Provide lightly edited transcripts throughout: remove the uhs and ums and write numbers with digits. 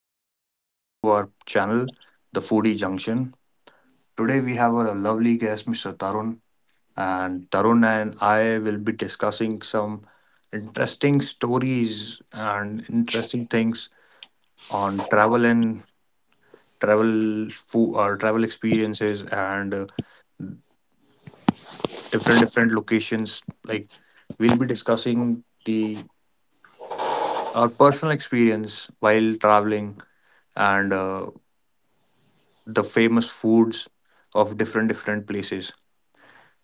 welcome back to our channel, The Foodie Junction. Today we have a lovely guest, Mr. Tarun, and Tarun and I will be discussing some interesting stories and interesting things on travel and travel food or travel experiences and different different locations. Like we'll be discussing the our personal experience while traveling and the famous foods of different different places.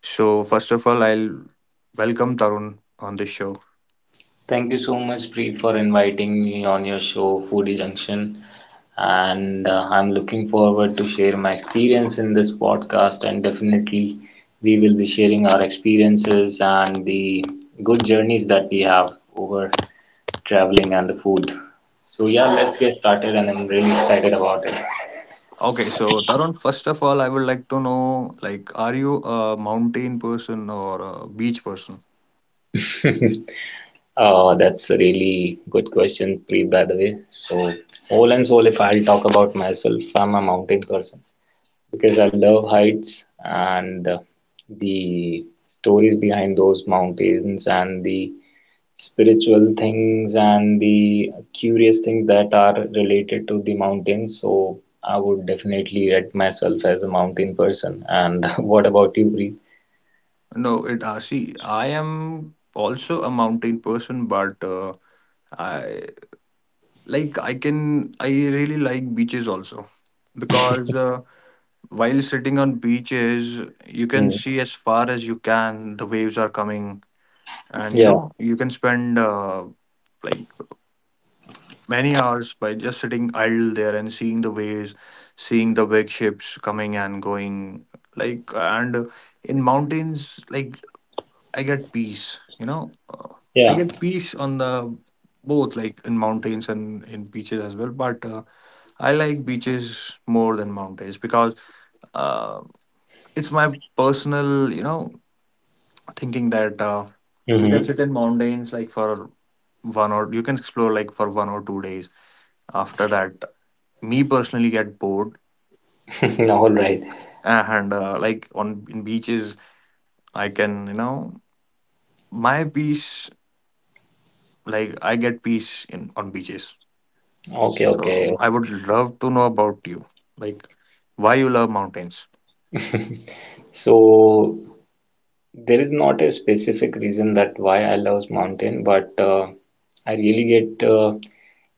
So first of all, I'll welcome Tarun on this show. Thank you so much, Preet, for inviting me on your show, Foodie Junction. And I'm looking forward to share my experience in this podcast. And definitely, we will be sharing our experiences and the good journeys that we have over traveling and the food. So yeah, let's get started, and I'm really excited about it. Okay, so Tarun, first of all, I would like to know, like, are you a mountain person or a beach person? That's a really good question, Preet, by the way. So, all and all, if I'll talk about myself, I'm a mountain person, because I love heights and the stories behind those mountains and the spiritual things and the curious things that are related to the mountains. So I would definitely rate myself as a mountain person. And what about you, Preet? No, it. See, I am also a mountain person, but I I really like beaches also because while sitting on beaches, you can Hmm. see as far as you can. The waves are coming, and you Yeah, know you can spend like many hours by just sitting idle there and seeing the waves, seeing the big ships coming and going. Like and in mountains, like I get peace. I yeah. get peace on the both like in mountains and in beaches as well. But I like beaches more than mountains because uh, it's my personal, thinking that you can Mm-hmm. sit in mountains like for one or you can explore like for 1 or 2 days. After that, me personally get bored, All right. and like on in beaches, I can you know my peace like I get peace in on beaches. Okay, So okay. I would love to know about you, like why you love mountains. So there is not a specific reason that why I love mountain, but I really get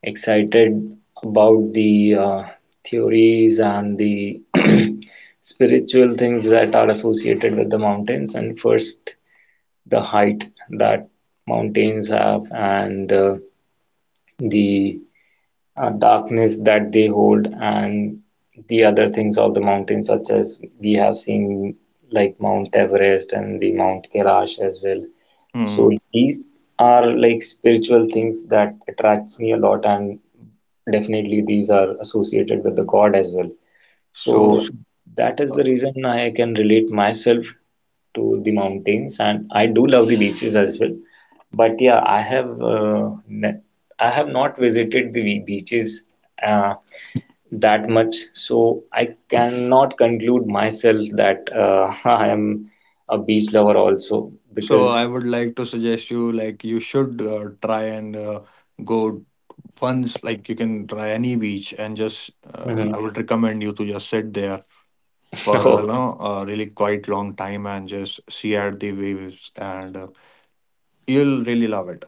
excited about the theories and the spiritual things that are associated with the mountains, and first the height that mountains have, and the darkness that they hold, and the other things of the mountains, such as we have seen like Mount Everest and the Mount Kailash as well. So Hmm. these are like spiritual things that attracts me a lot, and definitely these are associated with the God as well. So So. that is uh, the reason I can relate myself to the mountains, and I do love the beaches as well. But yeah, I have not visited the beaches uh, that much, so I cannot conclude myself that I am a beach lover also So, because. I would like to suggest you like you should try and go once like you can try any beach and just Mhm. I would recommend you to just sit there for a really quite long time and just see at the waves and you'll really love it.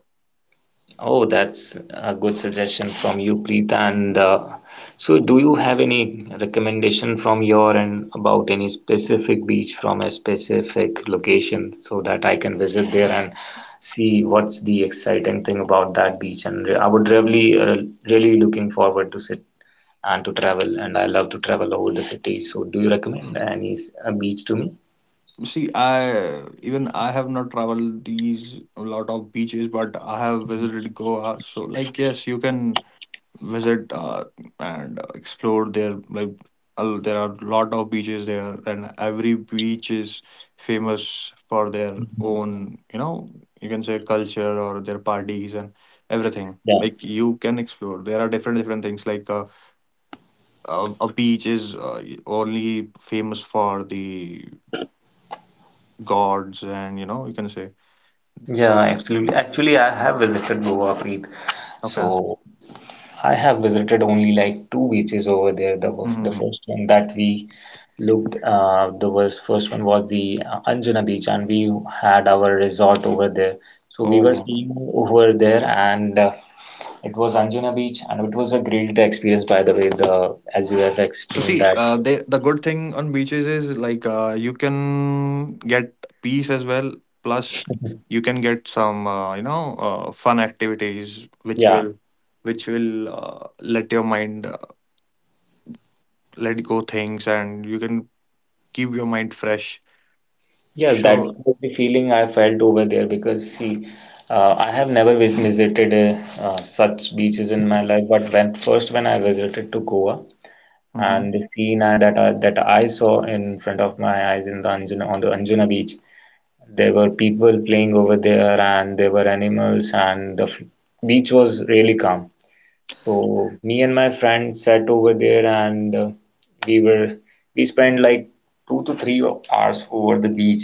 Oh, that's a good suggestion from you, Preeta. And so, do you have any recommendation from your end about any specific beach from a specific location, so that I can visit there and see what's the exciting thing about that beach? And I would really looking forward to sit and to travel, and I love to travel over the city. So, do you recommend any a beach to me? See, I even I have not traveled these a lot of beaches, but I have visited Goa. So like yes, you can visit and explore there like there are lot of beaches there and every beach is famous for their own you can say culture or their parties and everything Yeah, like you can explore there are different different things like a beach is only famous for the gods and you can say. yeah, absolutely. Actually, I have visited Goa, Preet. Okay. So. I have visited only like two beaches over there. The Hmm. first one that we looked, first one was the Anjuna Beach, and we had our resort over there. So we were Oh. staying over there, and it was Anjuna Beach, and it was a great experience. By the way, the as you have So explained see, that, the good thing on beaches is like you can get peace as well. Plus, you can get some fun activities which yeah, will which will let your mind let go things and you can keep your mind fresh. yeah, that So. was the feeling I felt over there because see. I have never visited such beaches in my life, but when first, when I visited to Goa, Mhm. and the scene that I saw in front of my eyes in the Anjuna, on the Anjuna beach, there were people playing over there, and there were animals, and the beach was really calm. So me and my friend sat over there, and we were we spent like 2 to 3 hours over the beach,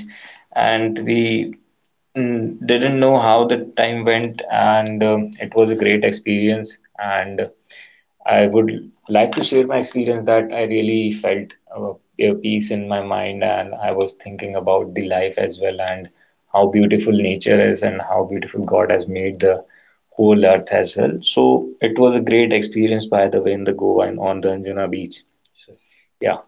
and we didn't know how the time went, and it was a great experience, and I would like to share my experience that I really felt a peace in my mind, and I was thinking about the life as well, and how beautiful nature is, and how beautiful God has made the whole earth as well. So it was a great experience, by the way, in the Goa and on the Anjuna beach. So, yeah.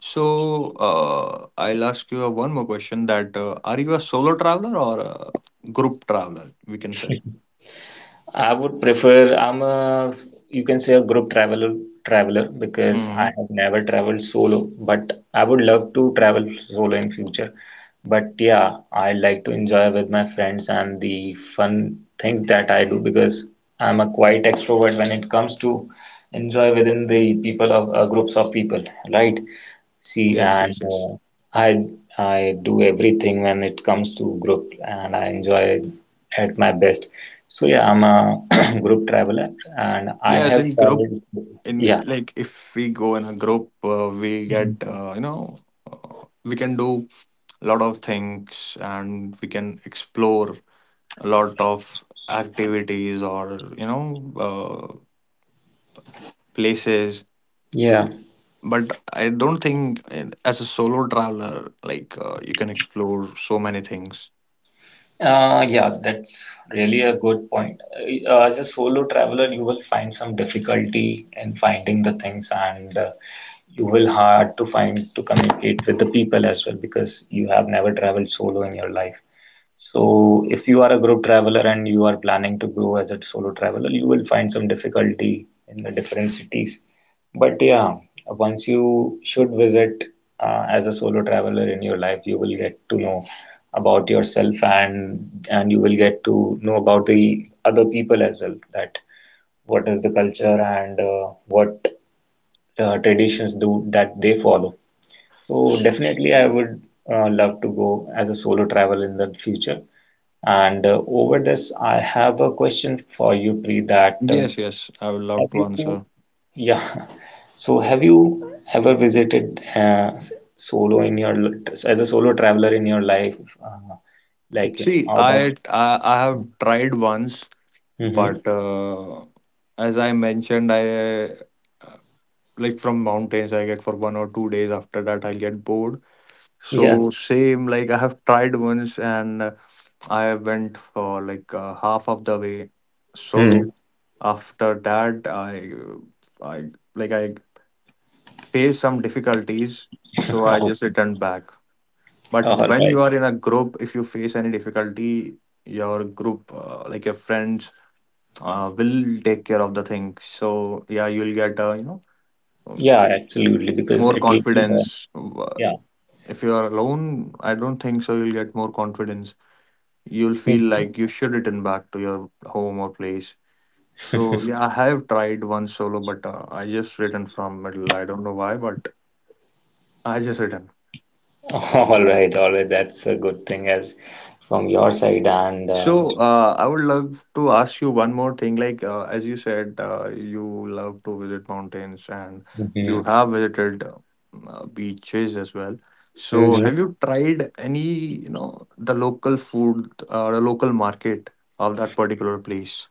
So I'll ask you one more question that are you a solo traveler or a group traveler? We can say. I would prefer I'm a, you can say, a group traveler because I Hmm. have never traveled solo, but I would love to travel solo in future. But yeah, I like to enjoy with my friends and the fun things that I do, because I'm a quite extrovert when it comes to enjoy within the people of groups of people, right? See, Yes, and yes, yes. I I do everything when it comes to group, and I enjoy at my best. So yeah, I'm a group traveler, and I Yes, have in group, traveled. in Yeah, like if we go in a group, we Mhm. get uh, we can do a lot of things and we can explore a lot of activities or places. Yeah. But I don't think as a solo traveler, like you can explore so many things. Yeah, that's really a good point. As a solo traveler, you will find some difficulty in finding the things, and you will hard to find to communicate with the people as well, because you have never traveled solo in your life. So, if you are a group traveler and you are planning to go as a solo traveler, you will find some difficulty in the different cities. But yeah, once you should visit as a solo traveler in your life, you will get to know about yourself, and you will get to know about the other people as well, that what is the culture and what traditions do that they follow. So S- definitely I would love to go as a solo travel in the future. And over this, I have a question for you, Pri, that Yes, yes, I would love have to you, answer. yeah, so have you ever visited s- solo in your l- as a solo traveler in your life, like See, out of. I have tried once Mhm. but as I mentioned I, uh, like from mountains I get for 1 or 2 days after that I'll get bored Yeah. so same like I have tried once and I went for like half of the way solo Hmm. after that i I faced some difficulties so I Oh, just returned back but all when right. you are in a group if you face any difficulty your group, like your friends will take care of the thing. So yeah, you'll get um, Yeah, absolutely. Because more at least. confidence. Yeah. If you are alone, I don't think so. You'll get more confidence. You'll feel Hmm. like you should return back to your home or place. So yeah, I have tried one solo, but I just returned from middle. I don't know why, but I just returned. All right. All right. That's a good thing as from your side. And So, I would love to ask you one more thing. Like, as you said, you love to visit mountains and you Mhm. have visited beaches as well. So, have Mhm. you tried any, the local food or the local market of that particular place?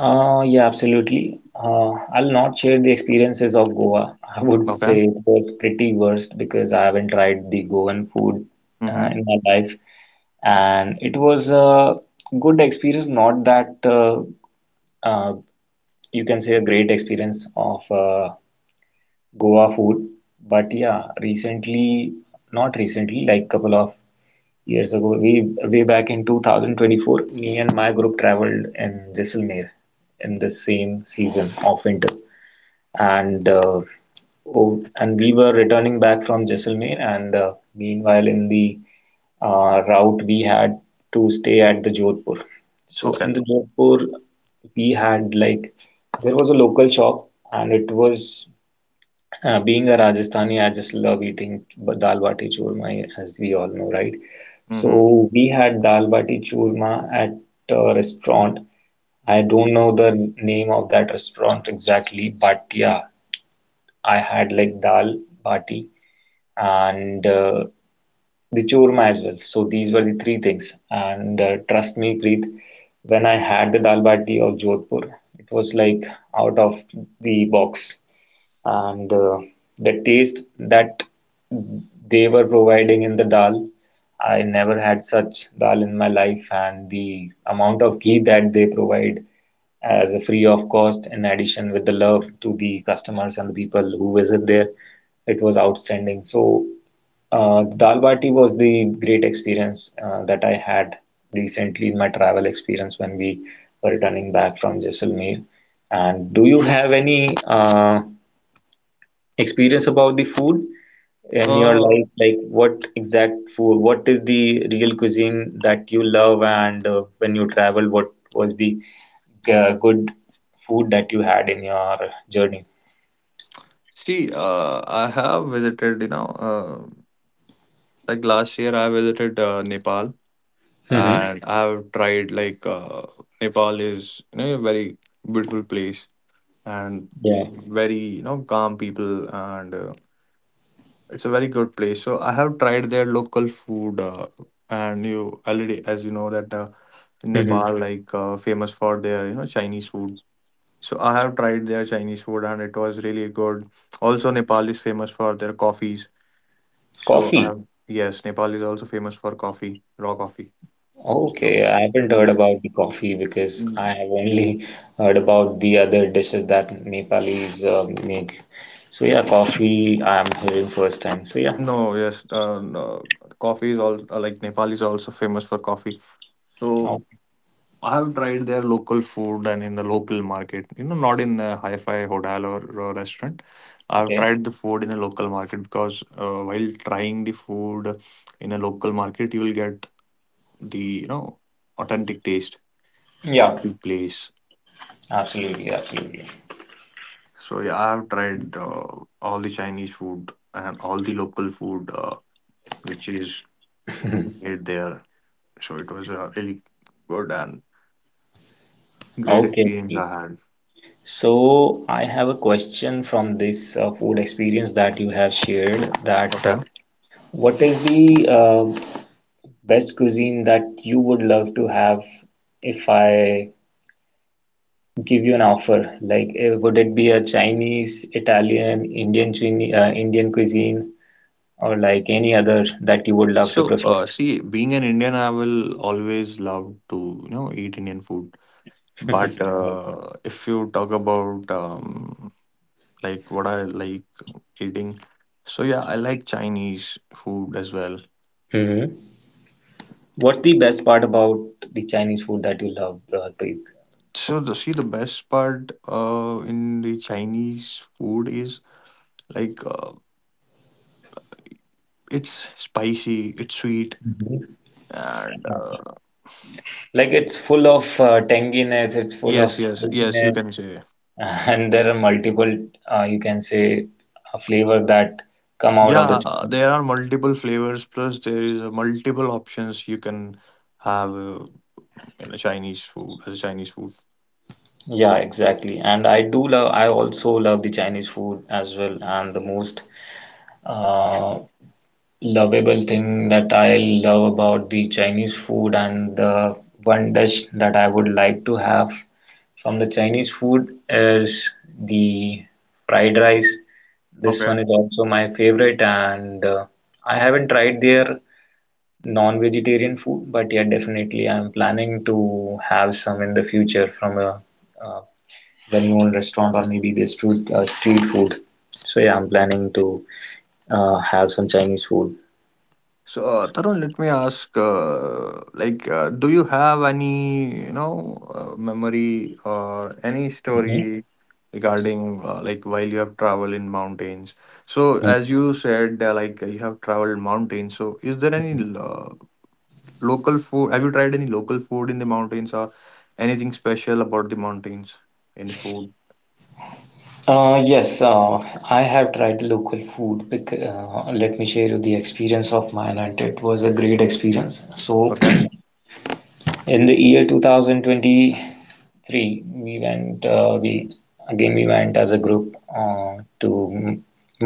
Yeah, absolutely. I'll not share the experiences of Goa. I would Okay. say it was pretty worst, because I haven't tried the Goan food Mm-hmm. in my life, and it was a good experience. Not that uh, you can say a great experience of. Goa food. But yeah, recently, not recently, like couple of years ago, we way back in 2024, me and my group traveled in Jaisalmer in the same season of winter, and oh, and we were returning back from Jaisalmer, and meanwhile in the route, we had to stay at the Jodhpur. So Okay. in the Jodhpur, we had like there was a local shop, and it was being a Rajasthani, I just love eating dal bati churma, as we all know, right? Mm-hmm. So we had dal bati churma at a restaurant. I don't know the name of that restaurant exactly, but yeah, I had like dal bati and the churma as well. So these were the three things. And trust me, Preet, when I had the dal bati of Jodhpur, it was like out of the box, and the taste that they were providing in the dal, I never had such dal in my life, and the amount of ghee that they provide as a free of cost, in addition with the love to the customers and the people who visit there, it was outstanding. So dal bati was the great experience that I had recently in my travel experience, when we were returning back from Jaisalmer. And do you have any experience about the food in your Uh, life, like what exact food, what is the real cuisine that you love, and when you travel, what was the good food that you had in your journey? See, I have visited, like last year I visited Nepal. Hmm. And I've tried like Nepal is a very beautiful place and Yeah. very calm people and it's a very good place. So I have tried their local food and you already as you know that Hmm. Nepal like famous for their Chinese food. So I have tried their Chinese food and it was really good. Also Nepal is famous for their coffees. So I Coffee. have yes Nepal is also famous for coffee, raw coffee. Okay, So I haven't heard yes. about the coffee, because I Mm-hmm. have only heard about the other dishes that Nepalis make, so yeah, coffee I am hearing first time, so yeah. No, yes, no, coffee is all like Nepal is also famous for coffee. So Oh, I have tried their local food and in the local market. You know, not in a hi-fi hotel or restaurant. I've okay. tried the food in a local market because while trying the food in a local market, you will get the authentic taste Yeah, of the place. absolutely, absolutely. So yeah, I have tried all the Chinese food and all the local food which is made there. So it was a really good and great Okay. experience Okay. I had. So I have a question from this food experience that you have shared, that Okay. what is the best cuisine that you would love to have, if I give you an offer? Like, would it be a Chinese, Italian, Indian cuisine, or like any other that you would love to So, prefer? See, being an Indian, I will always love to, eat Indian food. But if you talk about like what I like eating, so yeah, I like Chinese food as well. Hmm. What's the best part about the Chinese food that you love, Preet? So the see the best part in the Chinese food is like it's spicy, it's sweet, and Like it's full of tanginess, it's full of yes, yes, yes, you spiciness, can say. and there are multiple, you can say, flavors that come out of the Yeah, Chinese there food. are multiple flavors, plus there is multiple options you can have in a Chinese food as a Chinese food. Yeah, exactly. And I also love the Chinese food as well. And the most uh, lovable thing that I love about the Chinese food, and the one dish that I would like to have from the Chinese food, is the fried rice. This Okay. one is also my favorite, and I haven't tried their non-vegetarian food, but yeah, definitely I'm planning to have some in the future from a, uh well-known restaurant, or maybe the street food. So yeah, I'm planning to have some Chinese food. So, Tarun, let me ask, like, do you have any, memory or any Mhm. story regarding, like, while you have traveled in mountains? So, as you said, like, you have traveled mountains. So, is there any local food. Have you tried any local food in the mountains or anything special about the mountains in the food? Yes, I have tried local food. Bec Let me share you the experience of mine, and it was a great experience. So, Okay. in the year 2023, we went, uh, we we went as a group to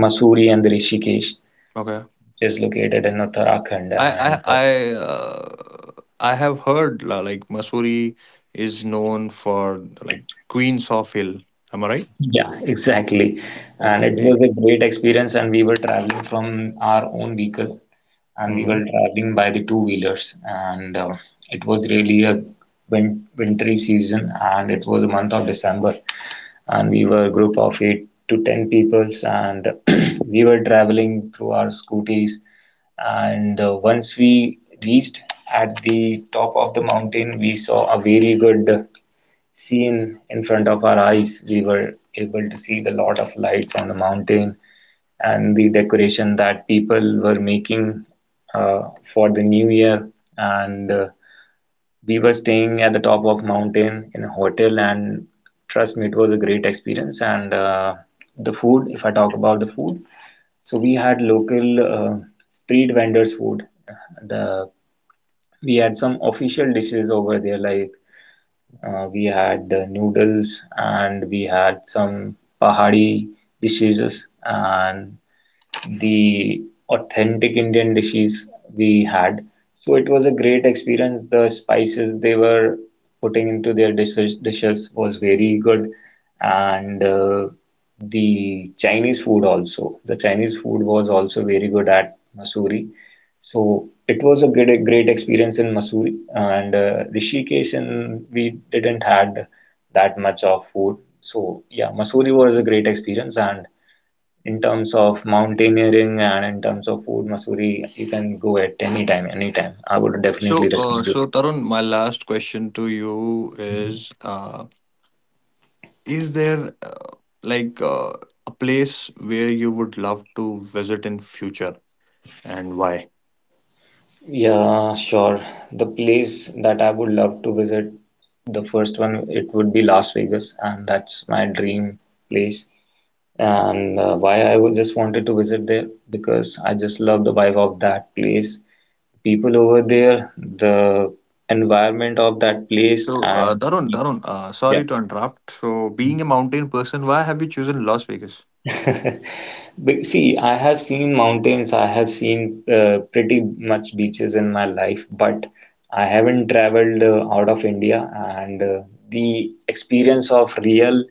Mussoorie and Rishikesh, Okay. which is located in Uttarakhand, I I and I uh, I have heard like Mussoorie is known for like queens of hill. Am I right? yeah, exactly. And it was Okay. a great experience, and we were traveling from our own vehicle, and we Hmm. were traveling by the two wheelers, and it was really a wintry season, and it was the month of December, and we were a group of 8 to 10 peoples, and we were traveling through our scooties. And once we reached at the top of the mountain, we saw a very good scene in front of our eyes. We were able to see the lot of lights on the mountain and the decoration that people were making for the new year. And we were staying at the top of mountain in a hotel, and trust me, it was a great experience. And the food, if I talk about the food, so we had local street vendors food, the we had some official dishes over there, like we had noodles, and we had some pahadi dishes and the authentic Indian dishes we had. So it was a great experience. The spices they were putting into their dishes was very good, and the Chinese food also. The Chinese food was also very good at Masuri. So it was a great experience in Masuri and Rishikesh, and we didn't had that much of food. So yeah, Masuri was a great experience, and in terms of mountaineering and in terms of food, Missouri, you can go at any time, anytime. I would definitely So, uh, recommend you. so Tarun, my last question to you Mhm. is: is there uh, like a place where you would love to visit in future, and why? Yeah, sure. The place that I would love to visit, the first one, it would be Las Vegas, and that's my dream place. And why I would just wanted to visit there, because I just love the vibe of that place, people over there, the environment of that place, So, and Tarun, Tarun, yeah. sorry to interrupt. So, being a mountain person, why have you chosen Las Vegas? See, I have seen mountains, I have seen pretty much beaches in my life, but I haven't traveled out of India. And the experience of real,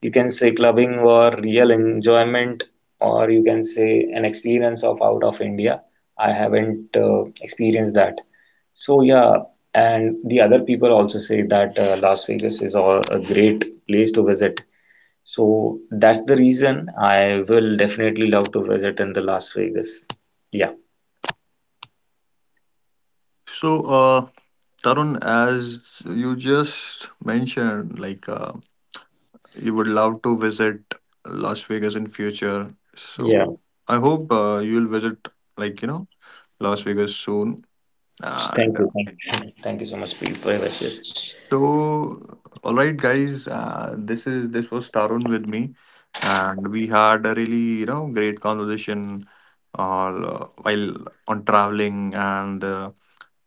you can say, clubbing or real enjoyment, or you can say an experience of out of India, I haven't experienced that. So, yeah, and the other people also say that Las Vegas is all a great place to visit. So that's the reason I will definitely love to visit in the Las Vegas. Yeah. So, Tarun, as you just mentioned, like you would love to visit Las Vegas in future. Yeah. So, I hope you'll visit, like, Las Vegas soon. And Thank you. Thank you, thank you so much, Preet, for your wishes. So, all right, guys. This was Tarun with me, and we had a really great conversation, while on traveling and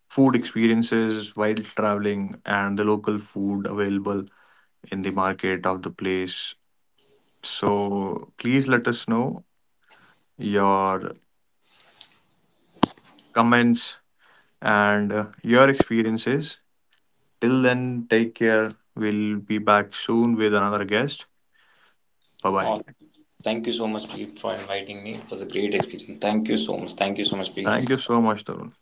food experiences while traveling and the local food available in the market of the place. So please let us know your comments and your experiences. Till then, take care. We'll be back soon with another guest. Oh, Bye-bye. thank you so much, Preet, for inviting me. It was a great experience. Thank you so much. Thank you so much, Thank you Preet. so much, Tarun.